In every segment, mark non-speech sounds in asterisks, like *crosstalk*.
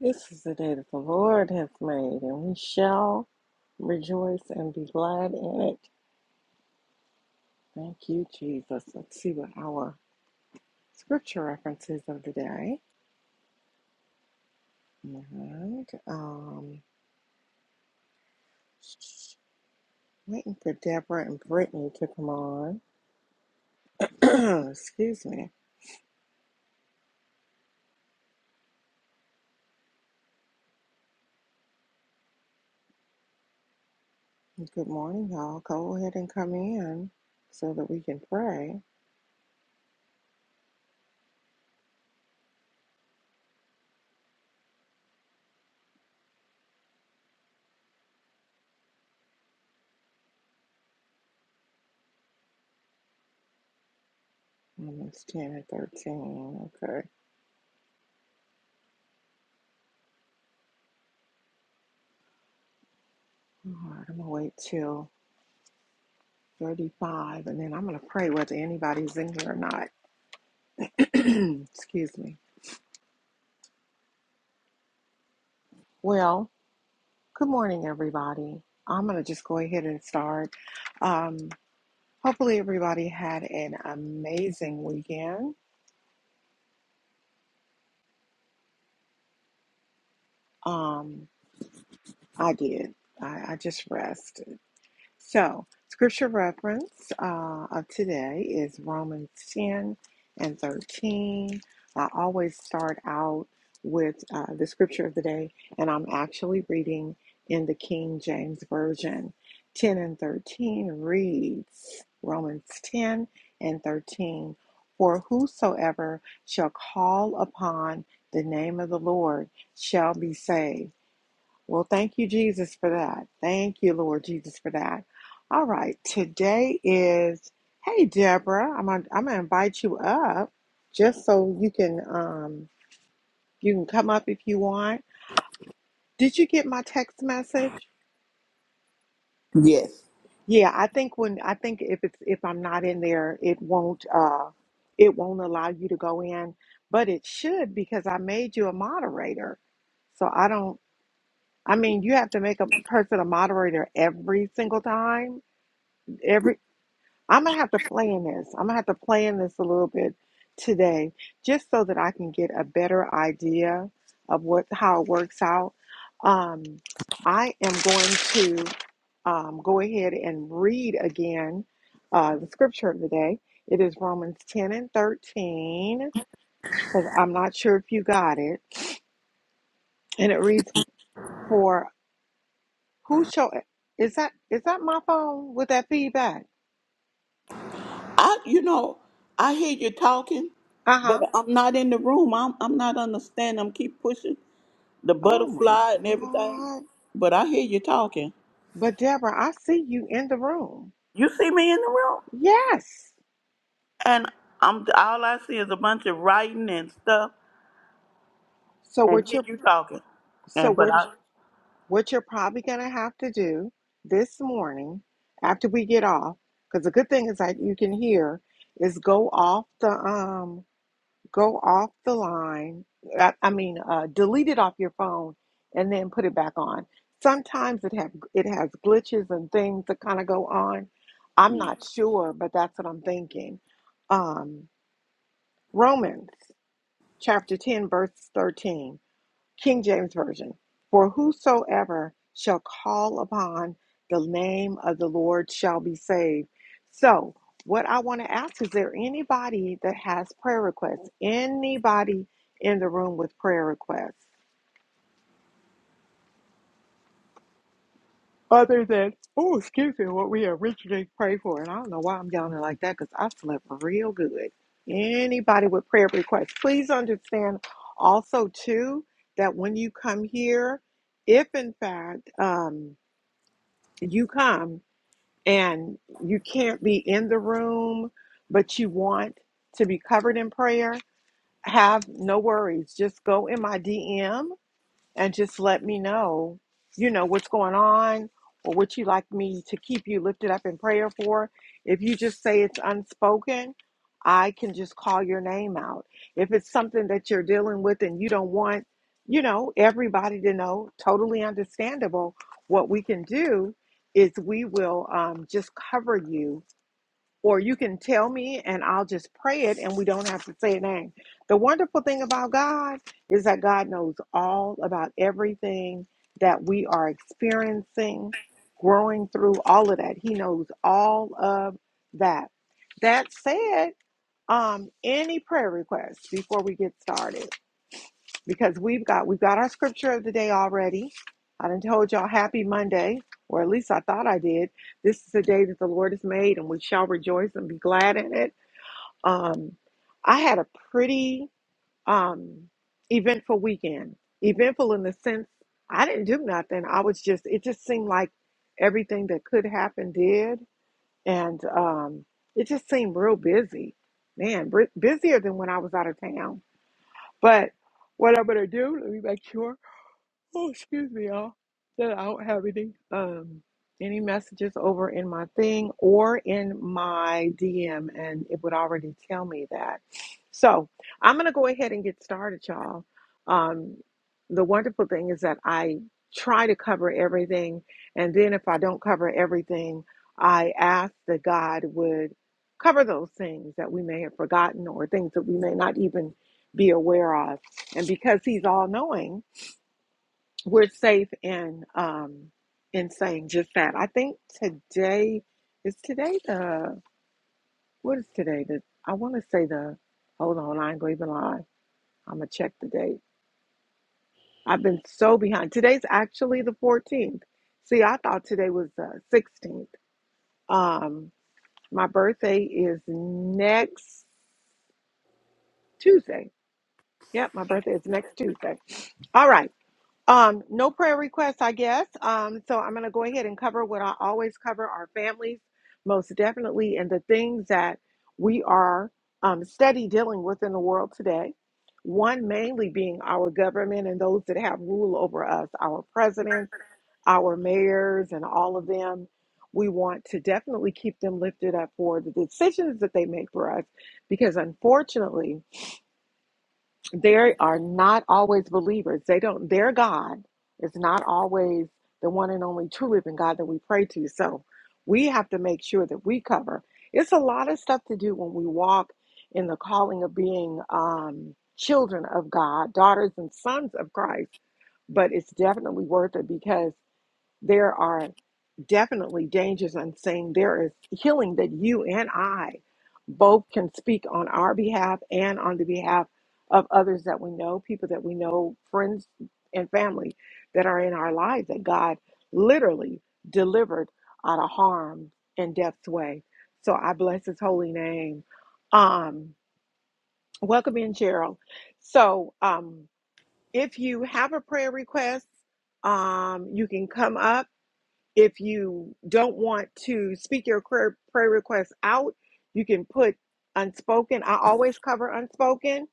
This is the day that the Lord has made, and we shall rejoice and be glad in it. Thank you, Jesus. Let's see what our scripture references of the day. And um, waiting for Deborah and Brittany to come on. *clears throat* Excuse me. Good morning, y'all. Go ahead and come in so that we can pray. Um, It's ten and thirteen. Okay. All right. I'm gonna wait till 35. And then I'm going to pray whether anybody's in here or not. *clears throat* Excuse me. Well, good morning, everybody. I'm going to just go ahead and start. Um, hopefully, everybody had an amazing weekend. Um, I did. I, I just rest. So, scripture reference uh, of today is Romans 10 and 13. I always start out with uh, the scripture of the day, and I'm actually reading in the King James Version. 10 and 13 reads Romans 10 and 13 For whosoever shall call upon the name of the Lord shall be saved. Well, thank you, Jesus, for that. Thank you, Lord Jesus, for that. All right, today is hey Deborah, I'm gonna, I'm gonna invite you up just so you can um you can come up if you want. Did you get my text message? Yes. Yeah, I think when I think if it's if I'm not in there, it won't uh it won't allow you to go in, but it should because I made you a moderator. So I don't I mean, you have to make a person a moderator every single time. every I'm gonna have to play in this. I'm gonna have to play in this a little bit today, just so that I can get a better idea of what how it works out. Um, I am going to um, go ahead and read again uh, the scripture of the day. It is Romans 10 and 13, because I'm not sure if you got it. And it reads, "For who shall is that is that my phone with that feedback? I you know, I hear you talking, Uh but huh. I'm not in the room. I'm I'm not understanding. I'm keep pushing the Oh my butterfly and everything. God." But I hear you talking. But Deborah, I see you in the room. You see me in the room? Yes. And I'm all I see is a bunch of writing and stuff So and what hear you're you talking. so And but what I what you're probably gonna have to do this morning after we get off, because the good thing is that you can hear, is go off the um go off the line. I, I mean, uh, delete it off your phone and then put it back on. Sometimes it have it has glitches and things that kind of go on. I'm not sure, but that's what I'm thinking. Um, Romans. chapter 10, verse 13, King James Version. For whosoever shall call upon the name of the Lord shall be saved. So, what I want to ask is there anybody that has prayer requests? Anybody in the room with prayer requests? other than, oh, excuse me, what we originally prayed for. And I don't know why I'm yelling like that because I slept real good. Anybody with prayer requests, please understand also, too, that when you come here, if in fact um, you come and you can't be in the room, but you want to be covered in prayer, have no worries. Just go in my DM and just let me know, you know, what's going on or what you like me to keep you lifted up in prayer for. If you just say it's unspoken, I can just call your name out. If it's something that you're dealing with and you don't want, you know, everybody to know, totally understandable, what we can do is we will um, just cover you or you can tell me and I'll just pray it and we don't have to say a name. The wonderful thing about God is that God knows all about everything that we are experiencing, growing through, all of that. He knows all of that. That said, um, any prayer requests before we get started? because we've got we've got our scripture of the day already. I done told y'all happy Monday, or at least I thought I did. This is the day that the Lord has made, and we shall rejoice and be glad in it. Um, I had a pretty um, eventful weekend. Eventful in the sense I didn't do nothing. I was just it just seemed like everything that could happen did, and um, it just seemed real busy. Man, br- busier than when I was out of town. But what I'm gonna do? Let me make sure. Oh, excuse me, y'all. That I don't have any um any messages over in my thing or in my DM, and it would already tell me that. So I'm gonna go ahead and get started, y'all. Um, the wonderful thing is that I try to cover everything, and then if I don't cover everything, I ask that God would cover those things that we may have forgotten or things that we may not even be aware of. And because He's all knowing, we're safe in um in saying just that. I think today is today the what is today? The I want to say the hold on, I ain't gonna even lie. I'm gonna check the date. I've been so behind. Today's actually the 14th. See, I thought today was the 16th. Um, my birthday is next Tuesday. Yep, my birthday is next Tuesday. All right. Um, no prayer requests, I guess. Um, so I'm going to go ahead and cover what I always cover our families, most definitely, and the things that we are um, steady dealing with in the world today. One mainly being our government and those that have rule over us, our president, our mayors, and all of them. We want to definitely keep them lifted up for the decisions that they make for us because, unfortunately, they are not always believers. They don't, their God is not always the one and only true living God that we pray to. So we have to make sure that we cover. It's a lot of stuff to do when we walk in the calling of being um, children of God, daughters and sons of Christ, but it's definitely worth it because there are definitely dangers in saying There is healing that you and I both can speak on our behalf and on the behalf of others that we know, people that we know, friends and family that are in our lives that God literally delivered out of harm and death's way. So I bless his holy name. Um, welcome in, Cheryl. So um, if you have a prayer request, um, you can come up if you don't want to speak your prayer, prayer request out, you can put unspoken. I always cover unspoken.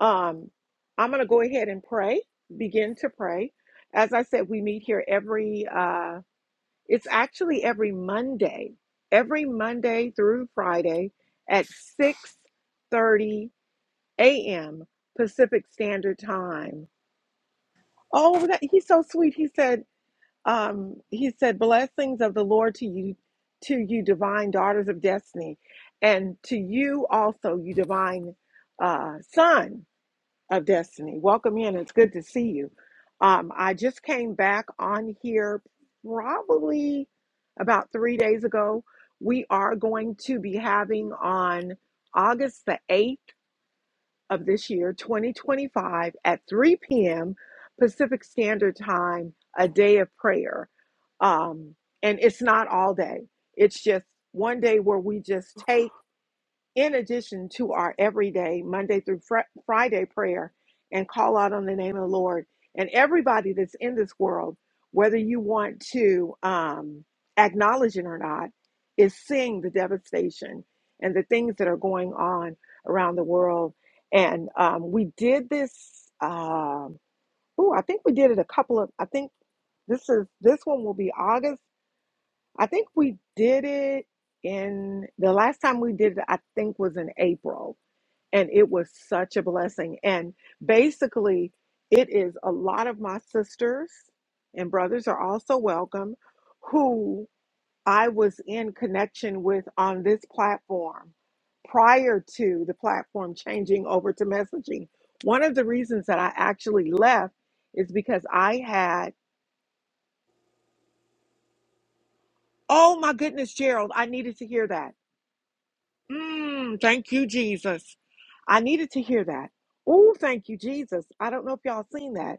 Um, I'm going to go ahead and pray, begin to pray. As I said, we meet here every, uh, it's actually every Monday, every Monday through Friday at 6.30 a.m. Pacific Standard Time. Oh, that, he's so sweet. He said, um, he said, "Blessings of the Lord to you, to you, divine daughters of destiny, and to you also, you divine uh, son of destiny. Welcome in. It's good to see you. Um, I just came back on here probably about three days ago. We are going to be having on August the eighth of this year, 2025, at 3 p.m. Pacific Standard Time, a day of prayer. Um, and it's not all day, it's just one day where we just take in addition to our everyday Monday through Fri Friday prayer and call out on the name of the Lord, and everybody that's in this world, whether you want to um, acknowledge it or not, is seeing the devastation and the things that are going on around the world. And um, we did this. Um, oh, I think we did it a couple of. I think this is this one will be August. I think we did it in the last time we did it. I think was in April and it was such a blessing. And basically, it is a lot of my sisters and brothers are also welcome who I was in connection with on this platform prior to the platform changing over to messaging. One of the reasons that I actually left is because I had, oh my goodness, Gerald, I needed to hear that. Mm, thank you, Jesus. I needed to hear that. Oh, thank you, Jesus. I don't know if y'all seen that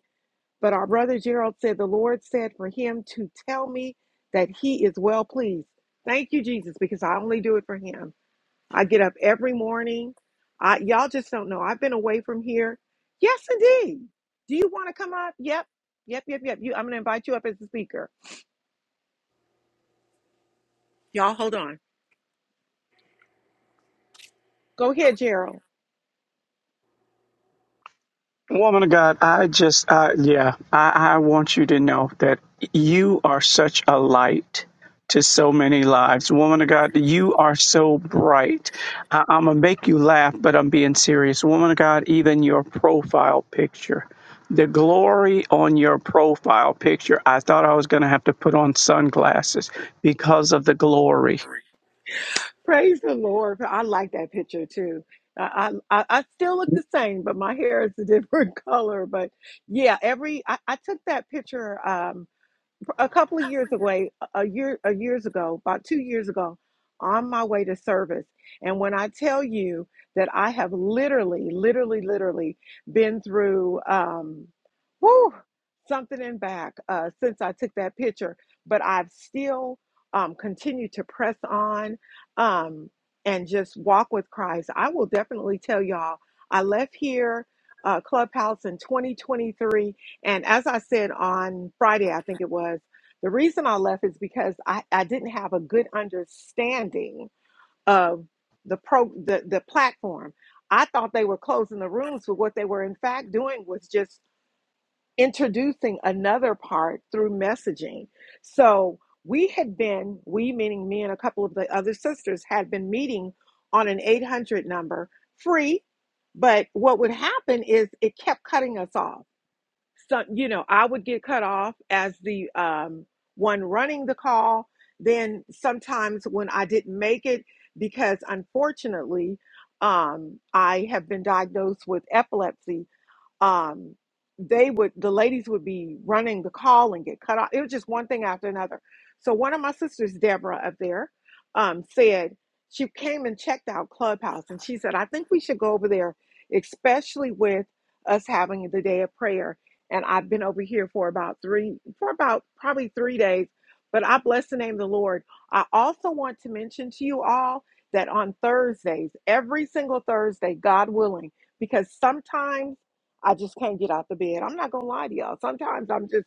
But our brother Gerald said, The Lord said for him to tell me that he is well pleased. Thank you, Jesus, because I only do it for him. I get up every morning. I, y'all just don't know. I've been away from here. Yes, indeed. Do you want to come up? Yep. Yep, yep, yep. You, I'm going to invite you up as a speaker. Y'all, hold on. Go ahead, Gerald. Woman of God, I just, uh, yeah, I, I want you to know that you are such a light to so many lives. Woman of God, you are so bright. I, I'm going to make you laugh, but I'm being serious. Woman of God, even your profile picture, the glory on your profile picture, I thought I was going to have to put on sunglasses because of the glory. Praise the Lord. I like that picture too. I, I, I I still look the same, but my hair is a different *laughs* color. But yeah, every I, I took that picture. Um, a couple of years away, a year, a years ago, about two years ago, on my way to service. And when I tell you that I have literally, literally, literally been through, um, whoo, something and back uh, since I took that picture, but I've still um, continued to press on um, and just walk with Christ. I will definitely tell y'all. I left here. Uh, Clubhouse in 2023 and as I said on Friday, I think it was, the reason I left is because I, I didn't have a good understanding of the pro the, the platform. I thought they were closing the rooms, but what they were in fact doing was just introducing another part through messaging. So we had been, we meaning me and a couple of the other sisters, had been meeting on an 800 number free. But what would happen is it kept cutting us off so you know i would get cut off as the um, one running the call then sometimes when i didn't make it because unfortunately um, i have been diagnosed with epilepsy um, they would the ladies would be running the call and get cut off. It was just one thing after another. So one of my sisters, Deborah, up there, um, said she came and checked out Clubhouse, and she said, "I think we should go over there, especially with us having the day of prayer." And I've been over here for about three, for about probably three days. But I bless the name of the Lord. I also want to mention to you all that on Thursdays, every single Thursday, God willing, because sometimes I just can't get out the bed. I'm not gonna lie to y'all. Sometimes I'm just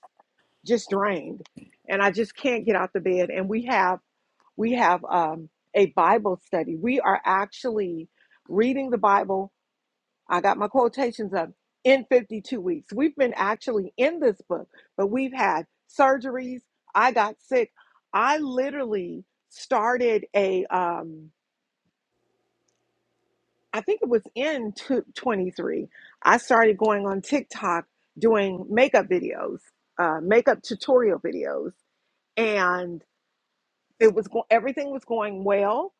just drained, and I just can't get out the bed. And we have we have um, a Bible study. We are actually reading the Bible. I got my quotations up in 52 weeks. We've been actually in this book, but we've had surgeries. I got sick. I literally started a um, I think it was in two- twenty-three, I started going on TikTok doing makeup videos, uh, makeup tutorial videos it was going everything was going well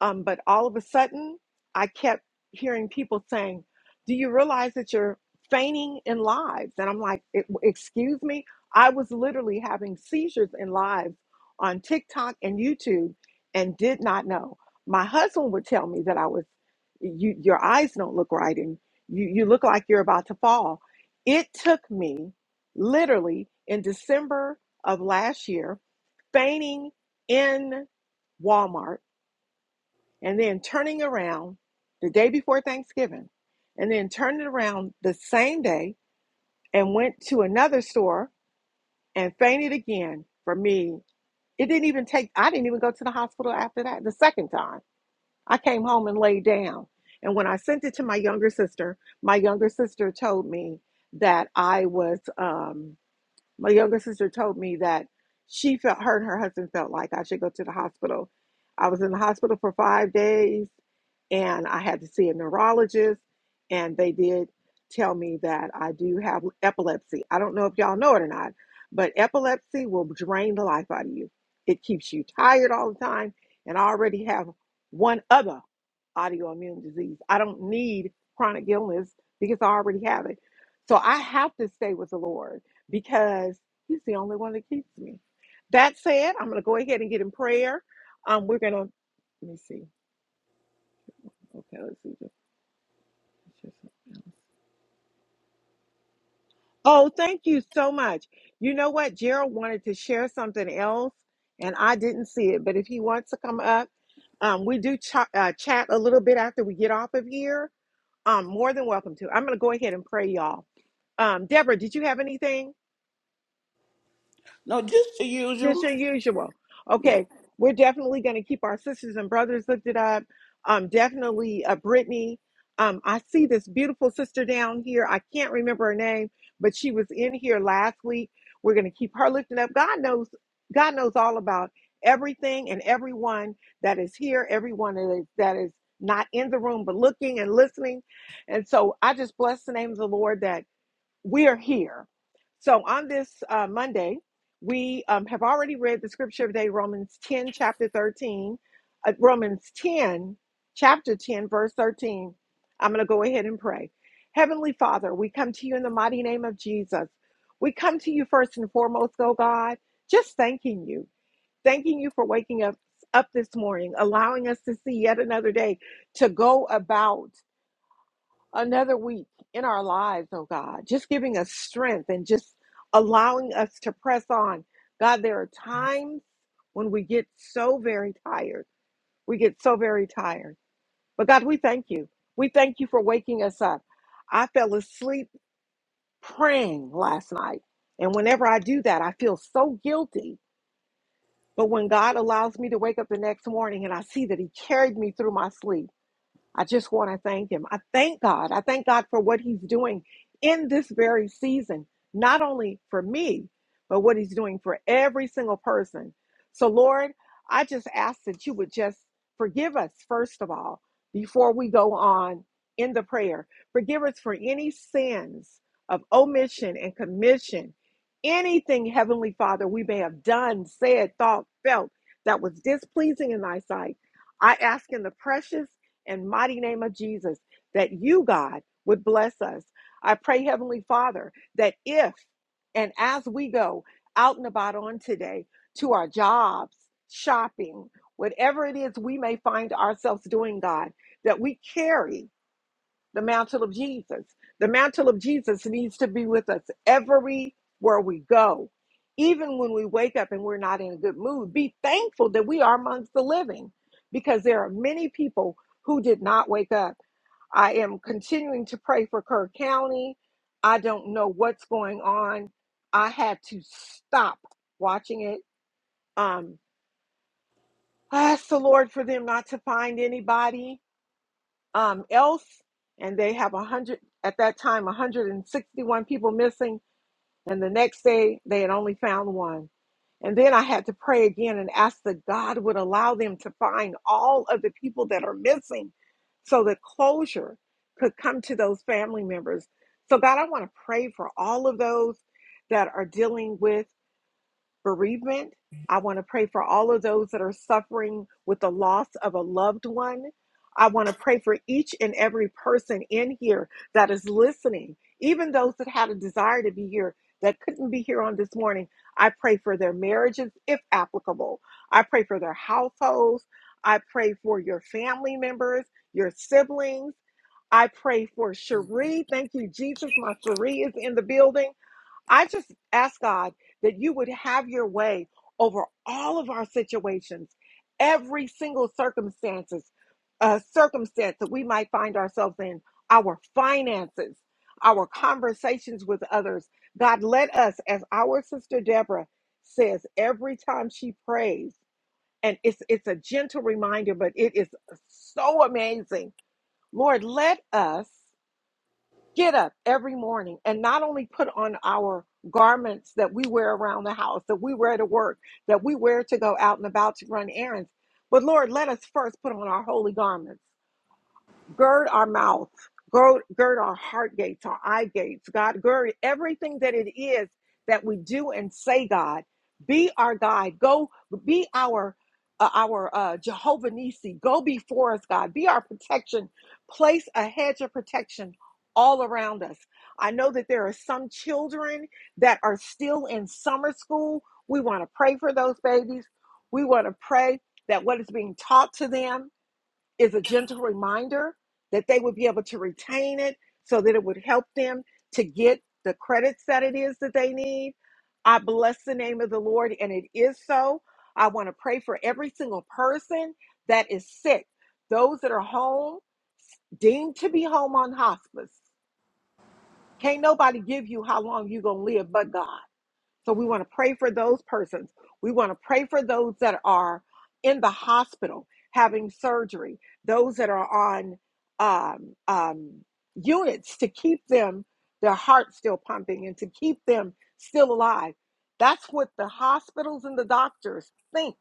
um, but all of a sudden i kept hearing people saying do you realize that you're feigning in lives and i'm like "E- excuse me i was literally having seizures in lives on tiktok and youtube and did not know my husband would tell me that i was you your eyes don't look right and you, you look like you're about to fall it took me literally in december of last year feigning in Walmart and then turning around the day before Thanksgiving and then turned it around the same day and went to another store and fainted again for me. It didn't even take, I didn't even go to the hospital after that the second time. I came home and laid down. And when I sent it to my younger sister, my younger sister told me that I was, um, My younger sister told me that she felt her and her husband felt like I should go to the hospital. I was in the hospital for five days and I had to see a neurologist, and they did tell me that I do have epilepsy. I don't know if y'all know it or not, but epilepsy will drain the life out of you. It keeps you tired all the time, and I already have one other autoimmune disease. I don't need chronic illness because I already have it. So I have to stay with the Lord because he's the only one that keeps me. That said, I'm going to go ahead and get in prayer. Um, we're going to, let me see. Okay, let's see. Oh, thank you so much. You know what? Gerald wanted to share something else, and I didn't see it. But if he wants to come up, um, we do ch- uh, chat a little bit after we get off of here. Um, more than welcome to. I'm going to go ahead and pray, y'all. Um, Deborah, did you have anything? no, just the just usual. your usual. Yeah. Okay, we're definitely going to keep our sisters and brothers lifted up. Um, definitely, uh, Brittany. Um, I see this beautiful sister down here. I can't remember her name, but she was in here last week. We're going to keep her lifted up. God knows, God knows all about everything and everyone that is here, everyone that is, that is not in the room but looking and listening. And so I just bless the name of the Lord that we are here. So on this uh, Monday, we um, have already read the scripture of the day, Romans 10, chapter 13, uh, Romans 10, chapter 10, verse 13. I'm going to go ahead and pray. Heavenly Father, we come to you in the mighty name of Jesus. We come to you first and foremost, oh God, just thanking you, thanking you for waking up up this morning, allowing us to see yet another day to go about another week in our lives, oh God, just giving us strength and just allowing us to press on. God, there are times when we get so very tired. We get so very tired. But God, we thank you. We thank you for waking us up. I fell asleep praying last night. And whenever I do that, I feel so guilty. But when God allows me to wake up the next morning and I see that He carried me through my sleep, I just want to thank him. I thank God. I thank God for what he's doing in this very season, not only for me, but what he's doing for every single person. So, Lord, I just ask that you would just forgive us, first of all, before we go on in the prayer. Forgive us for any sins of omission and commission, anything, Heavenly Father, we may have done, said, thought, felt that was displeasing in thy sight. I ask in the precious and mighty name of Jesus that you, God, would bless us. I pray, Heavenly Father, that if and as we go out and about on today to our jobs, shopping, whatever it is we may find ourselves doing, God, that we carry the mantle of Jesus. The mantle of Jesus needs to be with us everywhere we go. Even when we wake up and we're not in a good mood, be thankful that we are amongst the living because there are many people who did not wake up. I am continuing to pray for Kerr County. I don't know what's going on. I had to stop watching it. Um, I asked the Lord for them not to find anybody um, else, and they have a hundred at that time, 161 people missing, and the next day they had only found one. And then I had to pray again and ask that God would allow them to find all of the people that are missing, so that closure could come to those family members. So God, I want to pray for all of those that are dealing with bereavement. I want to pray for all of those that are suffering with the loss of a loved one. I want to pray for each and every person in here that is listening, even those that had a desire to be here that couldn't be here on this morning. I pray for their marriages, if applicable. I pray for their households. I pray for your family members, your siblings. I pray for Cherie. Thank you, Jesus. My Cherie is in the building. I just ask God that you would have your way over all of our situations, every single circumstances, uh, circumstance that we might find ourselves in, our finances, our conversations with others. God, let us, as our sister Deborah says every time she prays, and it's it's a gentle reminder, but it is so amazing. Lord, let us get up every morning and not only put on our garments that we wear around the house, that we wear to work, that we wear to go out and about to run errands, but Lord, let us first put on our holy garments gird our mouth, gird, gird our heart gates, our eye gates, God, gird everything that it is that we do and say, God, be our guide, go be our uh, our uh, Jehovah Nisi, go before us, God, be our protection, place a hedge of protection all around us. I know that there are some children that are still in summer school. We want to pray for those babies. We want to pray that what is being taught to them is a gentle reminder that they would be able to retain it so that it would help them to get the credits that it is that they need. I bless the name of the Lord, and it is so. I want to pray for every single person that is sick, those that are home, deemed to be home on hospice. Can't nobody give you how long you're going to live but God. So we want to pray for those persons. We want to pray for those that are in the hospital having surgery, those that are on um, um, units to keep them, their heart still pumping and to keep them still alive. That's what the hospitals and the doctors think,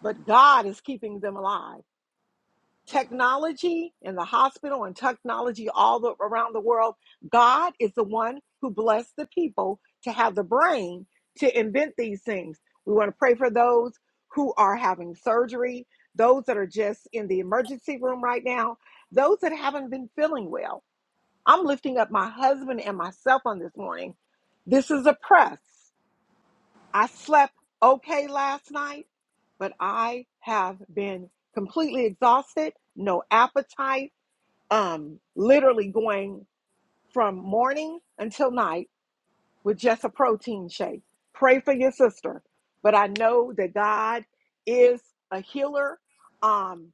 but God is keeping them alive technology in the hospital and technology all the, around the world. God is the one who blessed the people to have the brain to invent these things. We want to pray for those who are having surgery, those that are just in the emergency room right now, those that haven't been feeling well. I'm lifting up my husband and myself on this morning. This is a press. I slept okay last night, but I have been completely exhausted, no appetite, um, literally going from morning until night with just a protein shake. Pray for your sister. But I know that God is a healer. Um,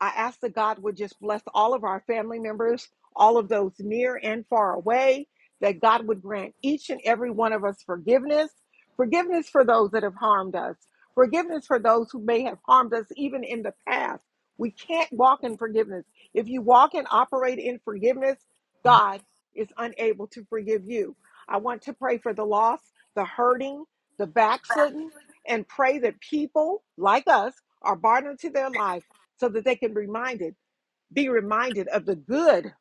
I ask that God would just bless all of our family members, all of those near and far away, that God would grant each and every one of us forgiveness, forgiveness for those that have harmed us, forgiveness for those who may have harmed us even in the past. We can't walk in forgiveness. If you walk and operate in forgiveness, God is unable to forgive you. I want to pray for the lost, the hurting, the backslidden, and pray that people like us are brought into their lives so that they can be reminded, be reminded of the good,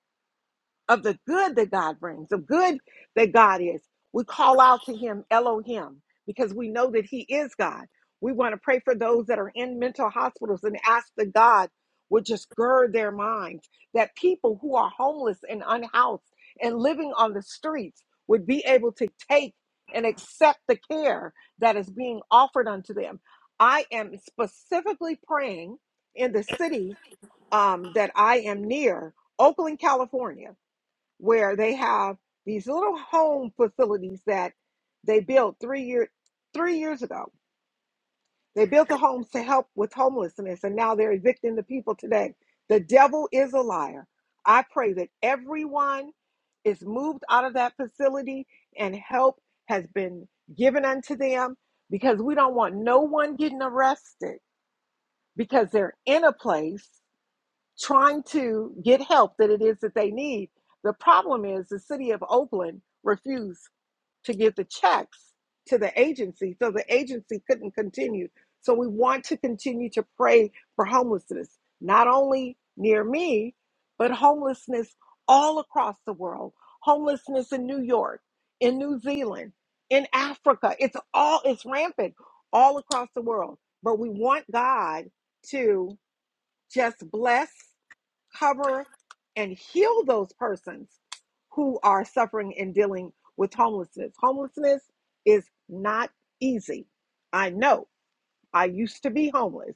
of the good that God brings, the good that God is. We call out to him Elohim because we know that he is God. We want to pray for those that are in mental hospitals and ask that God would just gird their minds, that people who are homeless and unhoused and living on the streets would be able to take and accept the care that is being offered unto them. I am specifically praying in the city um, that I am near Oakland, California, where they have these little home facilities that they built three year three years ago. They built the homes to help with homelessness, and now they're evicting the people today. The devil is a liar. I pray that everyone is moved out of that facility and help has been given unto them because we don't want no one getting arrested because they're in a place trying to get help that it is that they need. The problem is the city of Oakland refused to give the checks to the agency, so the agency couldn't continue. So we want to continue to pray for homelessness, not only near me, but homelessness all across the world. Homelessness in New York, in New Zealand, in Africa. It's all it's rampant all across the world. But we want God to just bless cover, and heal those persons who are suffering and dealing with homelessness. Homelessness is not easy. I know I used to be homeless.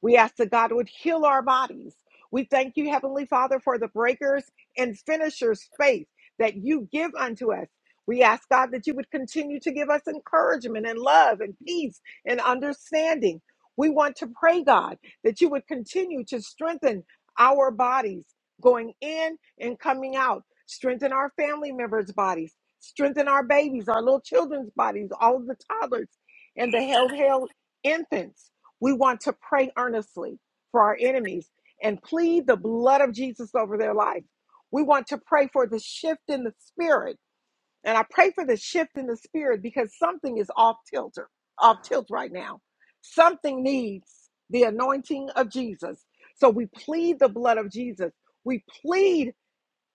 We ask that God would heal our bodies. We thank you, Heavenly Father, for the breakers and finishers faith that you give unto us. We ask God that you would continue to give us encouragement and love and peace and understanding. We want to pray, God, that you would continue to strengthen our bodies going in and coming out, strengthen our family members' bodies, strengthen our babies, our little children's bodies, all of the toddlers and the health Infants, we want to pray earnestly for our enemies and plead the blood of Jesus over their life. We want to pray for the shift in the spirit. And I pray for the shift in the spirit because something is off tilter, off tilt right now. Something needs the anointing of Jesus. So we plead the blood of Jesus. We plead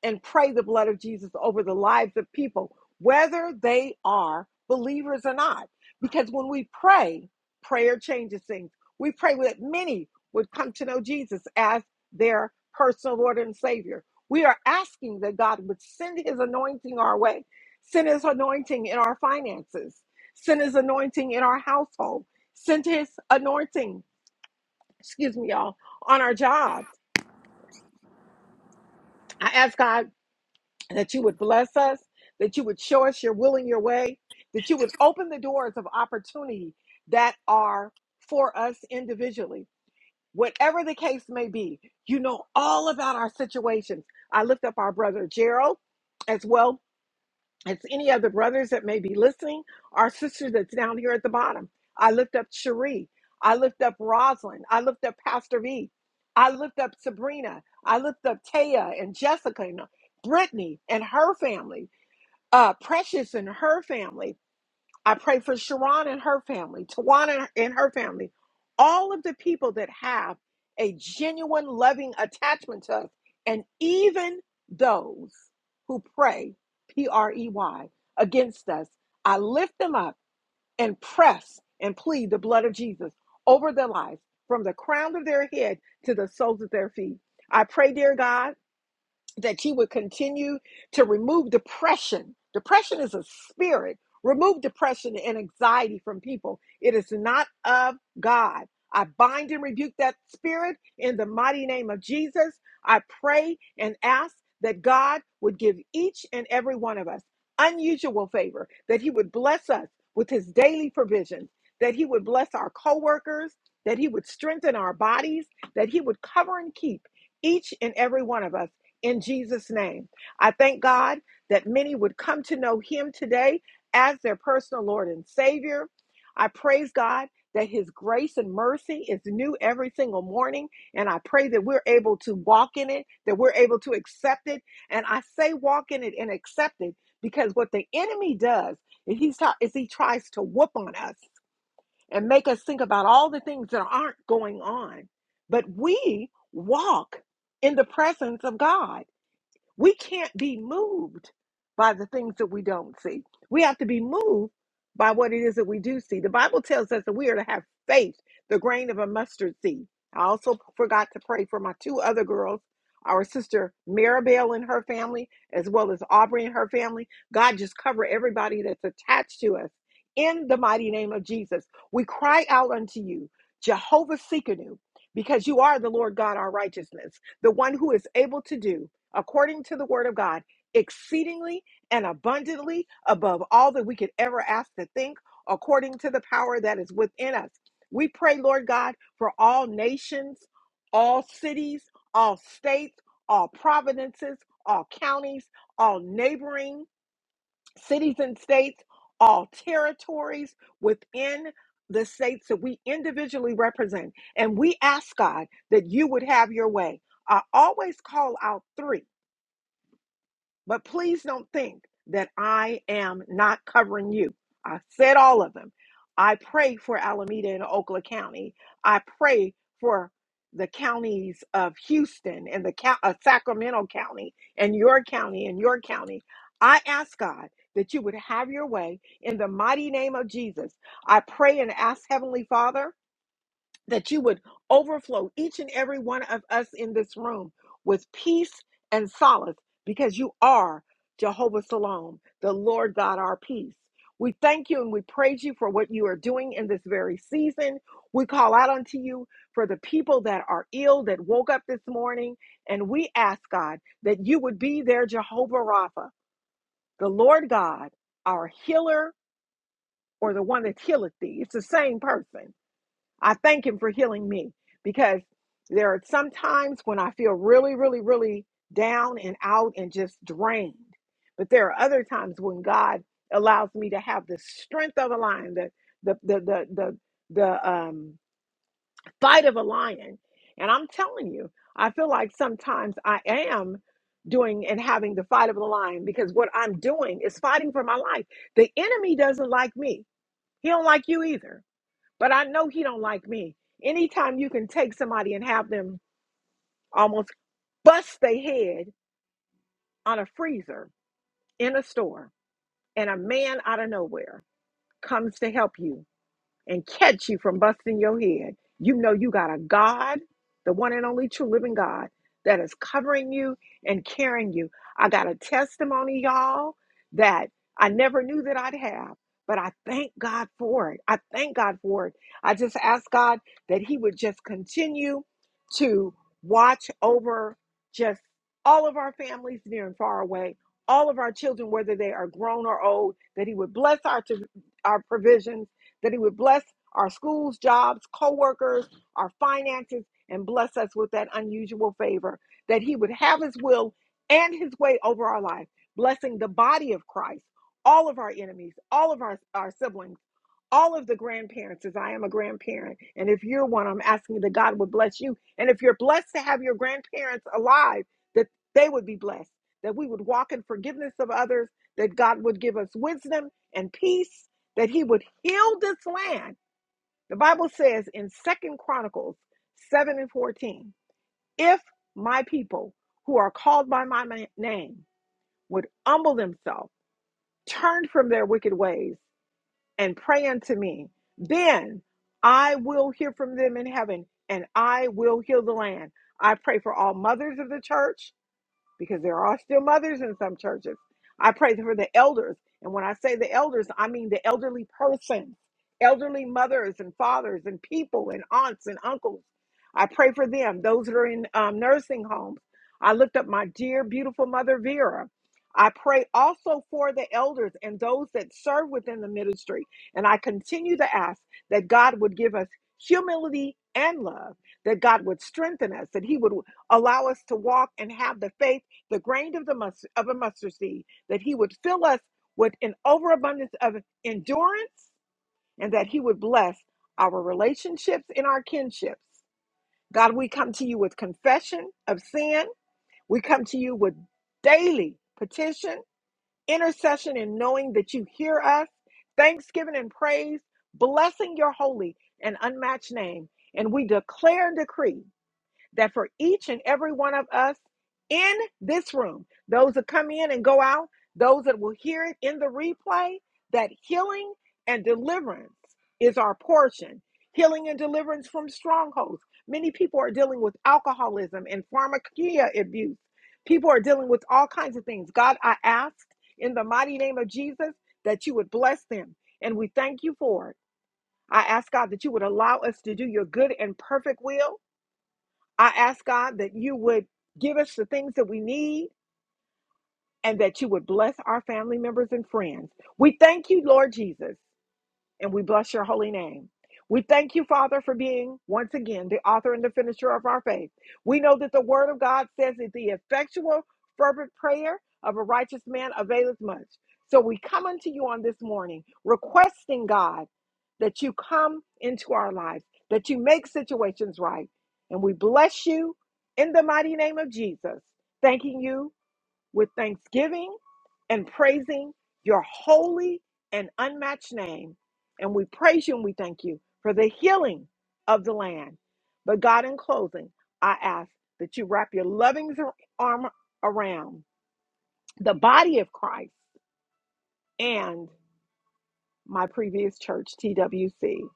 and pray the blood of Jesus over the lives of people, whether they are believers or not. Because when we pray, prayer changes things. We pray that many would come to know Jesus as their personal Lord and Savior. We are asking that God would send His anointing our way, send His anointing in our finances, send His anointing in our household, send His anointing, excuse me, y'all, on our jobs. I ask God that you would bless us, that you would show us your will and your way, that you would open the doors of opportunity that are for us individually. Whatever the case may be, you know all about our situations. I lift up our brother Gerald as well it's any other brothers that may be listening, our sister that's down here at the bottom. I lift up Cherie. I lift up Rosalind. I lift up Pastor V. I lift up Sabrina. I lift up Taya and Jessica and uh, Brittany and her family. Uh, Precious and her family. I pray for Sharon and her family, Tawana and her family, all of the people that have a genuine loving attachment to us, and even those who pray, P R E Y, against us. I lift them up and press and plead the blood of Jesus over their lives from the crown of their head to the soles of their feet. I pray, dear God that you would continue to remove depression. Depression is a spirit. Remove depression and anxiety from people. It is not of God. I bind and rebuke that spirit in the mighty name of Jesus. I pray and ask that God would give each and every one of us unusual favor, that He would bless us with His daily provisions, that He would bless our coworkers, that He would strengthen our bodies, that He would cover and keep each and every one of us in Jesus' name. I thank God that many would come to know Him today as their personal Lord and Savior. I praise God that His grace and mercy is new every single morning. And I pray that we're able to walk in it, that we're able to accept it. And I say walk in it and accept it because what the enemy does is, he's t- is he tries to whoop on us and make us think about all the things that aren't going on. But we walk in the presence of God. We can't be moved by the things that we don't see. We have to be moved by what it is that we do see. The Bible tells us that we are to have faith, the grain of a mustard seed. I also forgot to pray for my two other girls, our sister Maribel and her family, as well as Aubrey and her family. God just cover everybody that's attached to us. In the mighty name of Jesus, we cry out unto you, Jehovah Sikanu, because you are the Lord God, our righteousness, the one who is able to do according to the word of God, exceedingly and abundantly above all that we could ever ask to think, according to the power that is within us. We pray, Lord God, for all nations, all cities, all states, all provinces, all counties, all neighboring cities and states, all territories within the states that we individually represent. And we ask God that you would have your way. I always call out three but please don't think that I am not covering you. I said all of them. I pray for Alameda and Oakland County. I pray for the counties of Houston and the count, uh, Sacramento County and your county and your county. I ask God that you would have your way in the mighty name of Jesus. I pray and ask Heavenly Father that you would overflow each and every one of us in this room with peace and solace because you are Jehovah Shalom, the Lord God, our peace. We thank you and we praise you for what you are doing in this very season. We call out unto you for the people that are ill that woke up this morning. And we ask, God, that you would be their Jehovah Rapha, the Lord God, our healer, or the one that healeth thee. It's the same person. I thank Him for healing me because there are some times when I feel really, really, really down and out and just drained. But there are other times when God allows me to have the strength of a lion, the the the the the, the um, fight of a lion. And I'm telling you, I feel like sometimes I am doing and having the fight of the lion because what I'm doing is fighting for my life. The enemy doesn't like me. He don't like you either but I know he don't like me. Anytime you can take somebody and have them almost bust their head on a freezer in a store and a man out of nowhere comes to help you and catch you from busting your head. You know you got a God, the one and only true living God, that is covering you and carrying you. I got a testimony, y'all, that I never knew that I'd have, but I thank God for it. I thank God for it. I just ask God that He would just continue to watch over just all of our families near and far away, all of our children, whether they are grown or old, that He would bless our, our provisions that He would bless our schools, jobs, coworkers, our finances, and bless us with that unusual favor, that He would have His will and His way over our life, blessing the body of Christ, all of our enemies, all of our, our siblings all of the grandparents as I am a grandparent. And if you're one, I'm asking that God would bless you. And if you're blessed to have your grandparents alive, that they would be blessed, that we would walk in forgiveness of others, that God would give us wisdom and peace, that He would heal this land. The Bible says in Second Chronicles 7 and 14, if my people who are called by my ma- name would humble themselves, turn from their wicked ways, and pray unto me. Then I will hear from them in heaven and I will heal the land. I pray for all mothers of the church because there are still mothers in some churches. I pray for the elders. And when I say the elders, I mean the elderly persons, elderly mothers and fathers and people and aunts and uncles. I pray for them, those that are in um, nursing homes. I looked up my dear, beautiful mother, Vera. I pray also for the elders and those that serve within the ministry. And I continue to ask that God would give us humility and love, that God would strengthen us, that He would allow us to walk and have the faith the grain of the mustard, of a mustard seed, that he would fill us with an overabundance of endurance, and that he would bless our relationships and our kinships. God, we come to you with confession of sin. We come to you with daily petition, intercession, and knowing that you hear us, thanksgiving and praise, blessing your holy and unmatched name. And we declare and decree that for each and every one of us in this room, those that come in and go out, those that will hear it in the replay, that healing and deliverance is our portion. Healing and deliverance from strongholds. Many people are dealing with alcoholism and pharmacia abuse. People are dealing with all kinds of things. God, I ask in the mighty name of Jesus that you would bless them, and we thank you for it. I ask God that you would allow us to do your good and perfect will I ask God that you would give us the things that we need and that you would bless our family members and friends. We thank you, Lord Jesus and we bless your holy name. We thank you, Father, for being once again the author and the finisher of our faith. We know that the word of God says that the effectual, fervent prayer of a righteous man availeth much. So we come unto you on this morning, requesting God that you come into our lives, that you make situations right. And we bless you in the mighty name of Jesus, thanking you with thanksgiving and praising your holy and unmatched name. And we praise you and we thank you for the healing of the land. But God, in closing, I ask that you wrap your loving arm around the body of Christ and my previous church, TWC.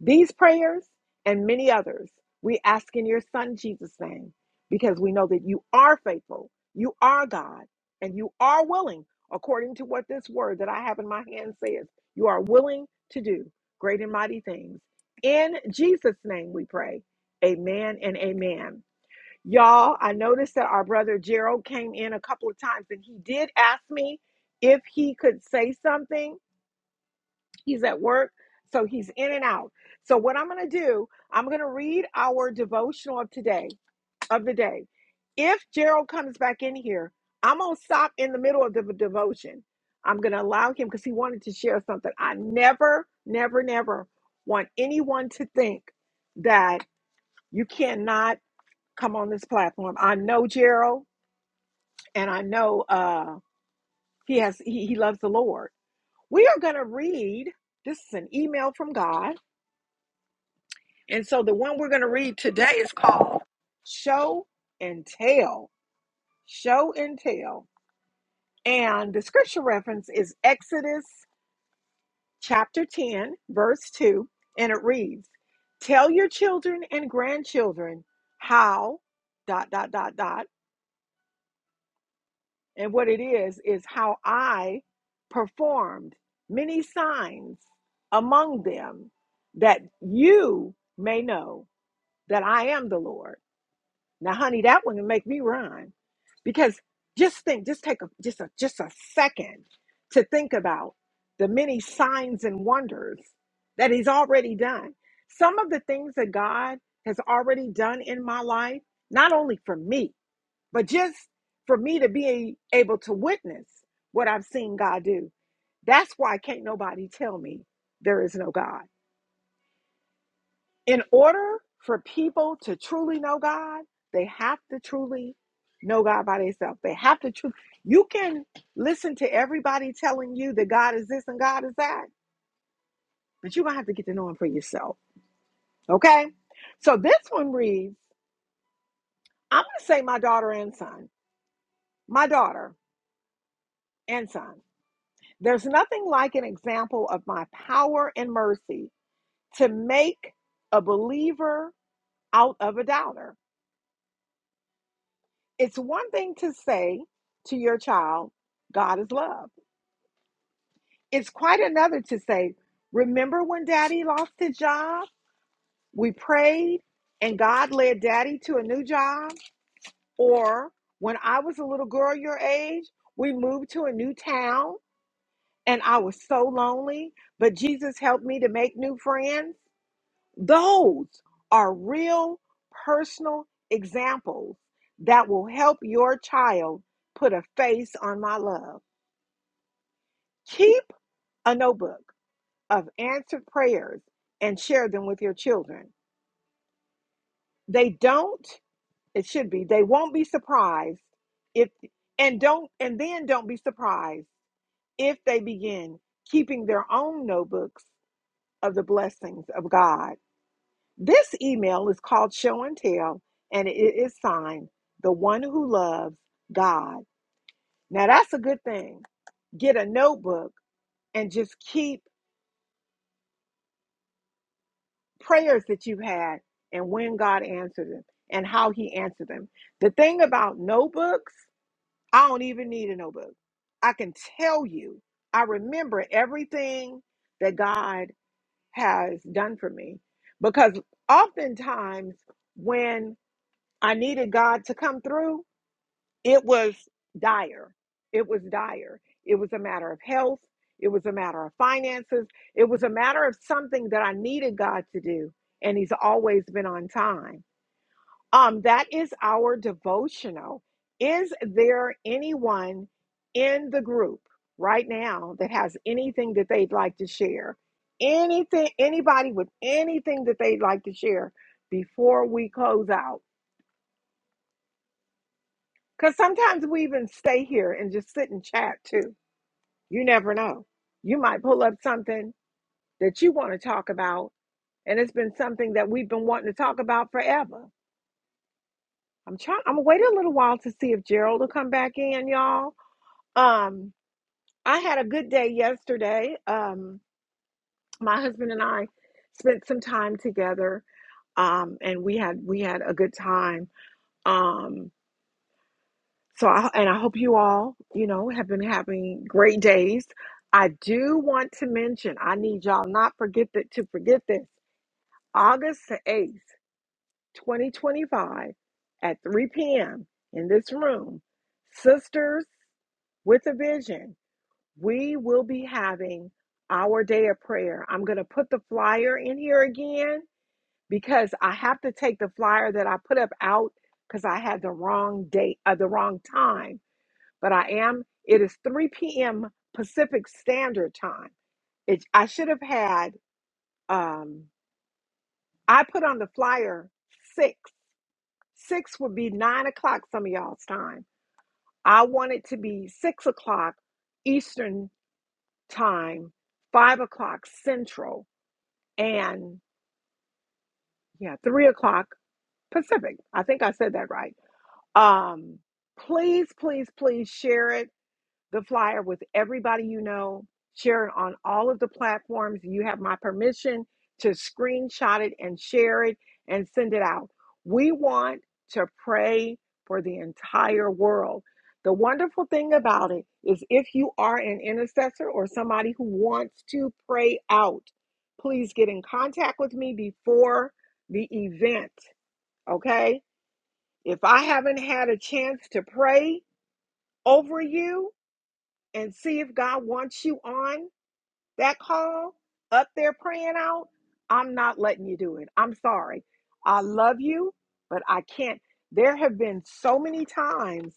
These prayers and many others we ask in your Son Jesus' name because we know that you are faithful, you are God, and you are willing, according to what this word that I have in my hand says, you are willing to do great and mighty things. In Jesus' name we pray. Amen and amen. Y'all, I noticed that our brother Gerald came in a couple of times and he did ask me if he could say something. He's at work, so he's in and out. So what I'm going to do, I'm going to read our devotional of today, of the day. If Gerald comes back in here, I'm going to stop in the middle of the devotion. I'm going to allow him because he wanted to share something. I never, never, never want anyone to think that you cannot come on this platform. I know Gerald, and I know uh, he has he, he loves the Lord. We are going to read. This is an email from God And so the one we're going to read today is called Show and Tell. Show and Tell. And the scripture reference is Exodus chapter 10, verse 2. And it reads Tell your children and grandchildren how, dot, dot, dot, dot. And what it is, is how I performed many signs among them that you may know that I am the Lord. Now, honey, that one would make me run because just think, just take a just a just a second to think about the many signs and wonders that He's already done. Some of the things that God has already done in my life, not only for me, but just for me to be able to witness what I've seen God do. That's why can't nobody tell me there is no God in order for people to truly know God, they have to truly know God by themselves. They have to truly. You can listen to everybody telling you that God is this and God is that, but you're going to have to get to know Him for yourself. Okay? So this one reads I'm going to say my daughter and son. My daughter and son. There's nothing like an example of my power and mercy to make a believer out of a doubter. It's one thing to say to your child, God is love. It's quite another to say, Remember when daddy lost his job? We prayed and God led daddy to a new job. Or when I was a little girl your age, we moved to a new town and I was so lonely, but Jesus helped me to make new friends. Those are real personal examples that will help your child put a face on my love. Keep a notebook of answered prayers and share them with your children. They don't, it should be, they won't be surprised if, and don't, and then don't be surprised if they begin keeping their own notebooks of the blessings of God. This email is called Show and Tell, and it is signed The One Who Loves God. Now, that's a good thing. Get a notebook and just keep prayers that you had and when God answered them and how he answered them. The thing about notebooks, I don't even need a notebook. I can tell you, I remember everything that God has done for me because oftentimes when I needed God to come through, it was dire. It was dire. It was a matter of health. It was a matter of finances. It was a matter of something that I needed God to do. And He's always been on time. Um, that is our devotional. Is there anyone in the group right now that has anything that they'd like to share? Anything, anybody with anything that they'd like to share before we close out? Because sometimes we even stay here and just sit and chat too You never know. You might pull up something that you want to talk about, and it's been something that we've been wanting to talk about forever. I'm trying. I'm gonna wait a little while to see if Gerald will come back in, y'all. Um, I had a good day yesterday. Um, my husband and I spent some time together, um, and we had we had a good time. Um, so I, and I hope you all, you know, have been having great days. I do want to mention. I need y'all not forget that to forget this August 8th, 2025, at 3 p.m. in this room, Sisters with a Vision, we will be having our day of prayer. I'm going to put the flyer in here again because I have to take the flyer that I put up out because I had the wrong date, uh, the wrong time. But I am, it is 3 p.m. Pacific Standard Time. It, I should have had, um, I put on the flyer 6. Six would be nine o'clock some of y'all's time. I want it to be six o'clock Eastern time, five o'clock Central, and yeah, three o'clock Pacific. I think I said that right. Um, please, please, please share it. the flyer with everybody you know. Share it on all of the platforms. You have my permission to screenshot it and share it and send it out. We want to pray for the entire world. The wonderful thing about it is if you are an intercessor or somebody who wants to pray out, please get in contact with me before the event, okay? If I haven't had a chance to pray over you, and see if God wants you on that call up there praying out, I'm not letting you do it. I'm sorry. I love you, but I can't. There have been so many times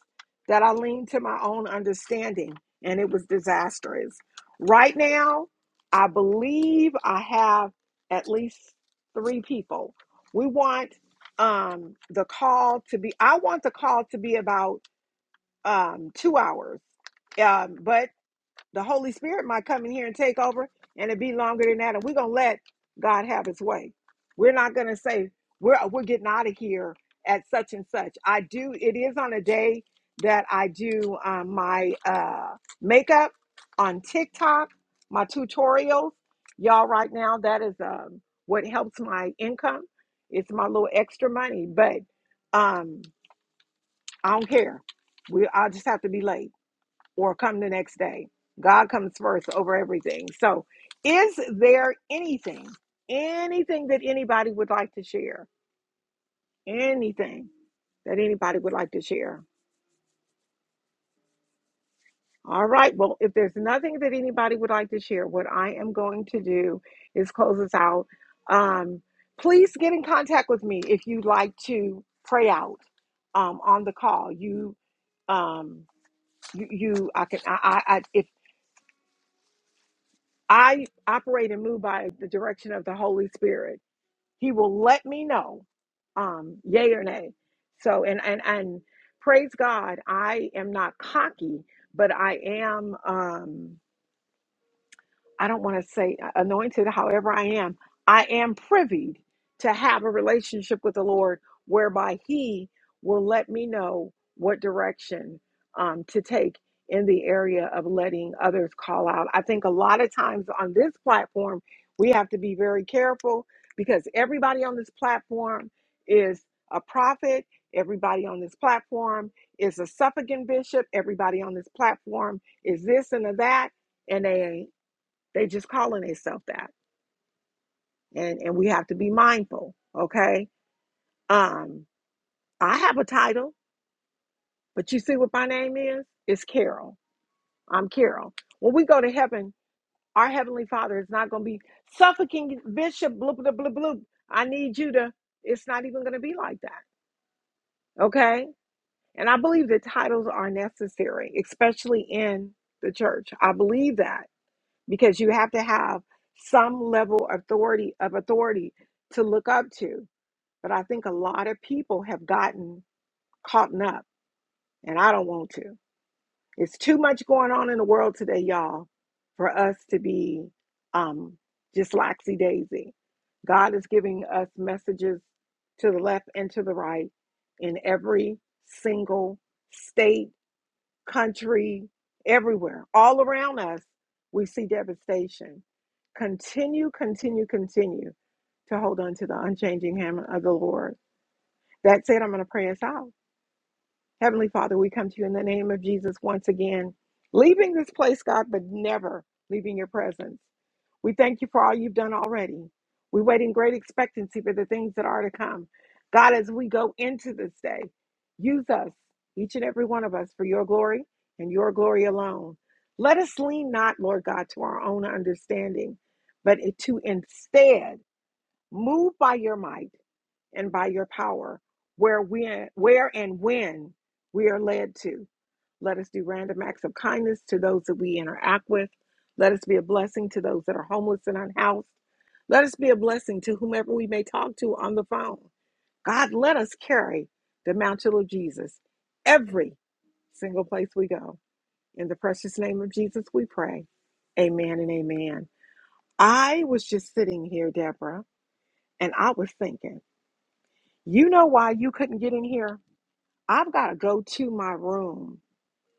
that I leaned to my own understanding and it was disastrous. Right now, I believe I have at least three people. We want um, the call to be, I want the call to be about um, two hours Um, but. The Holy Spirit might come in here and take over, and it'd be longer than that. And we're gonna let God have His way. We're not gonna say we're we're getting out of here at such and such. I do. It is on a day that I do um, my uh, makeup on TikTok, my tutorials. Y'all, right now, that is um, what helps my income. It's my little extra money, but um, I don't care. We, I just have to be late or come the next day. God comes first over everything. So, is there anything, anything that anybody would like to share? Anything that anybody would like to share? All right. Well, if there's nothing that anybody would like to share, what I am going to do is close us out. Um, please get in contact with me if you'd like to pray out um, on the call. You um you, you i can I, I i if I operate and move by the direction of the Holy Spirit. He will let me know, um, yay or nay. So, and and and praise God, I am not cocky, but I am. Um, I don't want to say uh, anointed, however I am, I am privy to have a relationship with the Lord whereby He will let me know what direction um, to take in the area of letting others call out. I think a lot of times on this platform, we have to be very careful because everybody on this platform is a prophet, everybody on this platform is a suffragan bishop, everybody on this platform is this and a that. and they they just calling themselves that. And and we have to be mindful, okay? Um, I have a title, but you see what my name is? It's Carol. I'm Carol. When we go to heaven, our heavenly father is not gonna be suffocating bishop, blah blah blah blah. I need you to, it's not even gonna be like that, okay? And I believe that titles are necessary, especially in the church. I believe that because you have to have some level of authority of authority to look up to. But I think a lot of people have gotten caught up, and I don't want to. It's too much going on in the world today, y'all, for us to be um, just laxy daisy. God is giving us messages to the left and to the right in every single state, country, everywhere, all around us. We see devastation. Continue, continue, continue to hold on to the unchanging hand of the Lord that said, I'm going to pray us out. Heavenly Father, we come to you in the name of Jesus once again, leaving this place, God, but never leaving your presence. We thank you for all you've done already. We wait in great expectancy for the things that are to come. God, as we go into this day, use us, each and every one of us, for your glory and your glory alone. Let us lean not, Lord God, to our own understanding, but to instead move by your might and by your power, where we where and when we are led to. Let us do random acts of kindness to those that we interact with. Let us be a blessing to those that are homeless and unhoused. Let us be a blessing to whomever we may talk to on the phone. God, let us carry the mantle of Jesus every single place we go. In the precious name of Jesus, we pray. Amen and amen. I was just sitting here, Deborah, and I was thinking, you know why you couldn't get in here? I've got to go to my room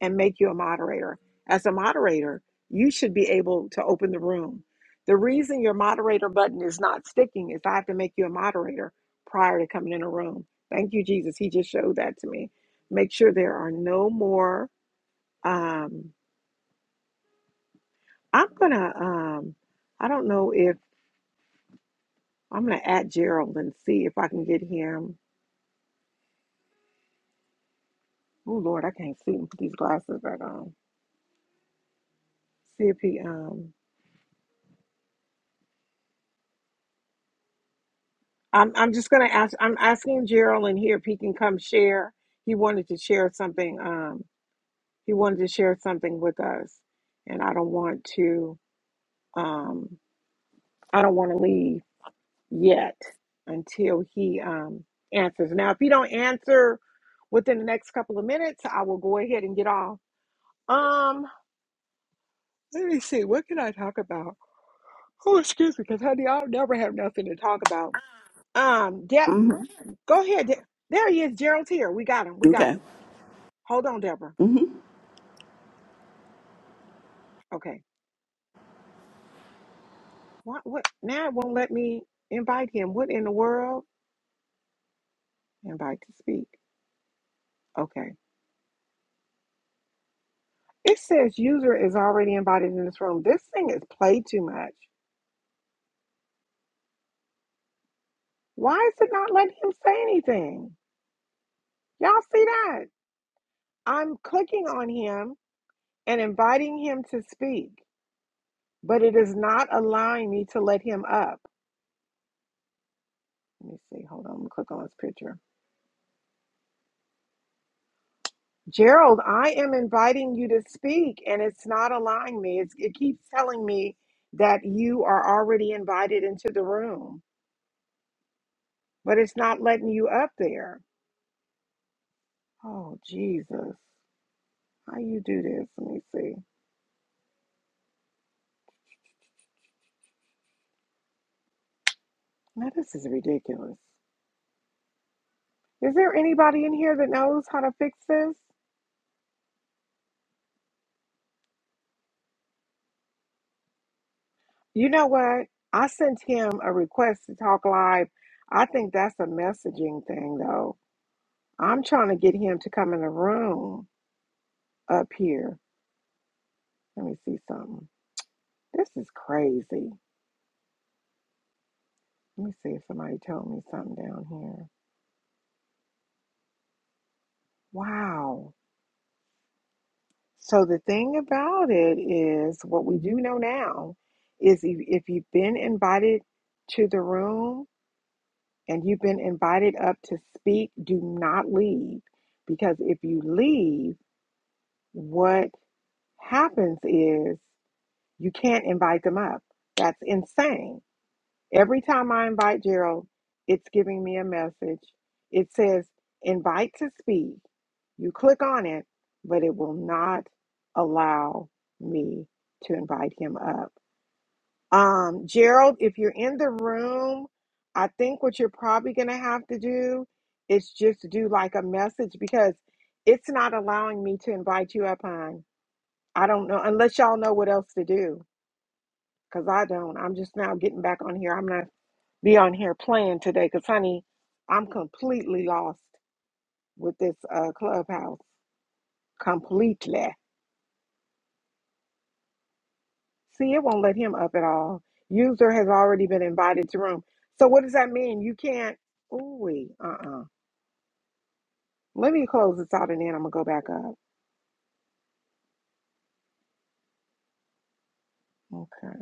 and make you a moderator. As a moderator, you should be able to open the room. The reason your moderator button is not sticking is I have to make you a moderator prior to coming in a room. Thank you, Jesus. He just showed that to me. Make sure there are no more. Um, I'm gonna. Um, I don't know if I'm gonna add Gerald and see if I can get him. Oh Lord, I can't see him. Put these glasses back on. See if he um I'm I'm just gonna ask. I'm asking Gerald in here if he can come share. He wanted to share something. Um, he wanted to share something with us, and I don't want to. Um, I don't want to leave yet until he um answers. Now, if he don't answer within the next couple of minutes, I will go ahead and get off. Um, let me see. What can I talk about? Oh, excuse me, because honey, I'll never have nothing to talk about. Um, Deb, hmm go ahead. Deb. There he is. Gerald's here. We got him. We got Okay. him. Hold on, Deborah. Mm-hmm. Okay. What? What? Now it won't let me invite him. What in the world? Invite to speak. Okay. It says user is already invited in this room. This thing is played too much. Why is it not letting him say anything? Y'all see that? I'm clicking on him and inviting him to speak, but it is not allowing me to let him up. Let me see. Hold on. I'm gonna click on his picture. Gerald, I am inviting you to speak, and it's not allowing me. It's, it keeps telling me that you are already invited into the room, but it's not letting you up there. Oh, Jesus. How you do this? Let me see. Now, this is ridiculous. Is there anybody in here that knows how to fix this? You know what? I sent him a request to talk live. I think that's a messaging thing, though. I'm trying to get him to come in the room up here. Let me see something. This is crazy. Let me see if somebody told me something down here. Wow. So the thing about it is what we do know now is if if you've been invited to the room and you've been invited up to speak, do not leave because if you leave, what happens is you can't invite them up. That's insane. Every time I invite Gerald, it's giving me a message. It says, invite to speak. You click on it, but it will not allow me to invite him up. Um, Gerald, if you're in the room, I think what you're probably going to have to do is just do like a message because it's not allowing me to invite you up, hon. I don't know, unless y'all know what else to do, because I don't. I'm just now getting back on here. I'm not be on here playing today because, honey, I'm completely lost with this uh, clubhouse. Completely. See, it won't let him up at all. User has already been invited to room. So, what does that mean? You can't. Ooh, wee. uh uh Let me close this out and then I'm going to go back up. Okay.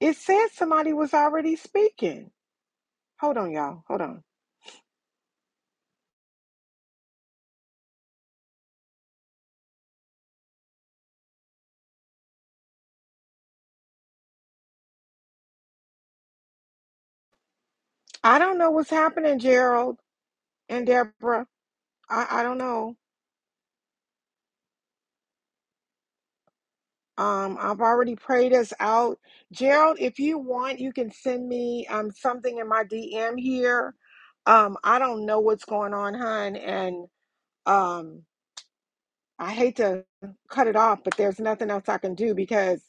It says somebody was already speaking. Hold on, y'all. Hold on. I don't know what's happening, Gerald and Deborah. I, I don't know. Um, I've already prayed us out. Gerald, if you want, you can send me um something in my DM here. Um, I don't know what's going on, hon, and um I hate to cut it off, but there's nothing else I can do because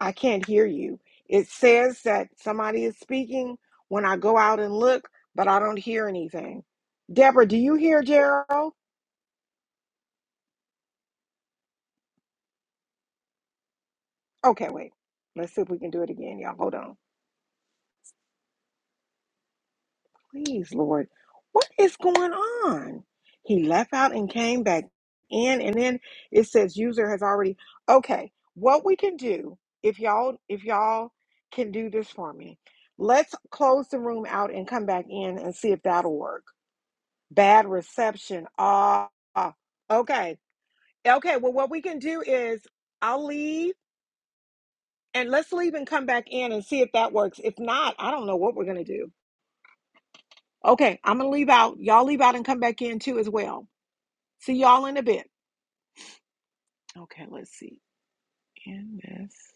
I can't hear you. It says that somebody is speaking when I go out and look, but I don't hear anything. Deborah, do you hear Gerald? Okay, wait. Let's see if we can do it again, y'all. Hold on. Please, Lord, what is going on? He left out and came back in, and then it says user has already. Okay, what we can do if y'all if y'all can do this for me, let's close the room out and come back in and see if that'll work. Bad reception. Ah, ah. okay, okay. Well, what we can do is I'll leave and let's leave and come back in and see if that works. If not, I don't know what we're gonna do. Okay, I'm gonna leave out. Y'all leave out and come back in too as well. See y'all in a bit. Okay, let's see. In this.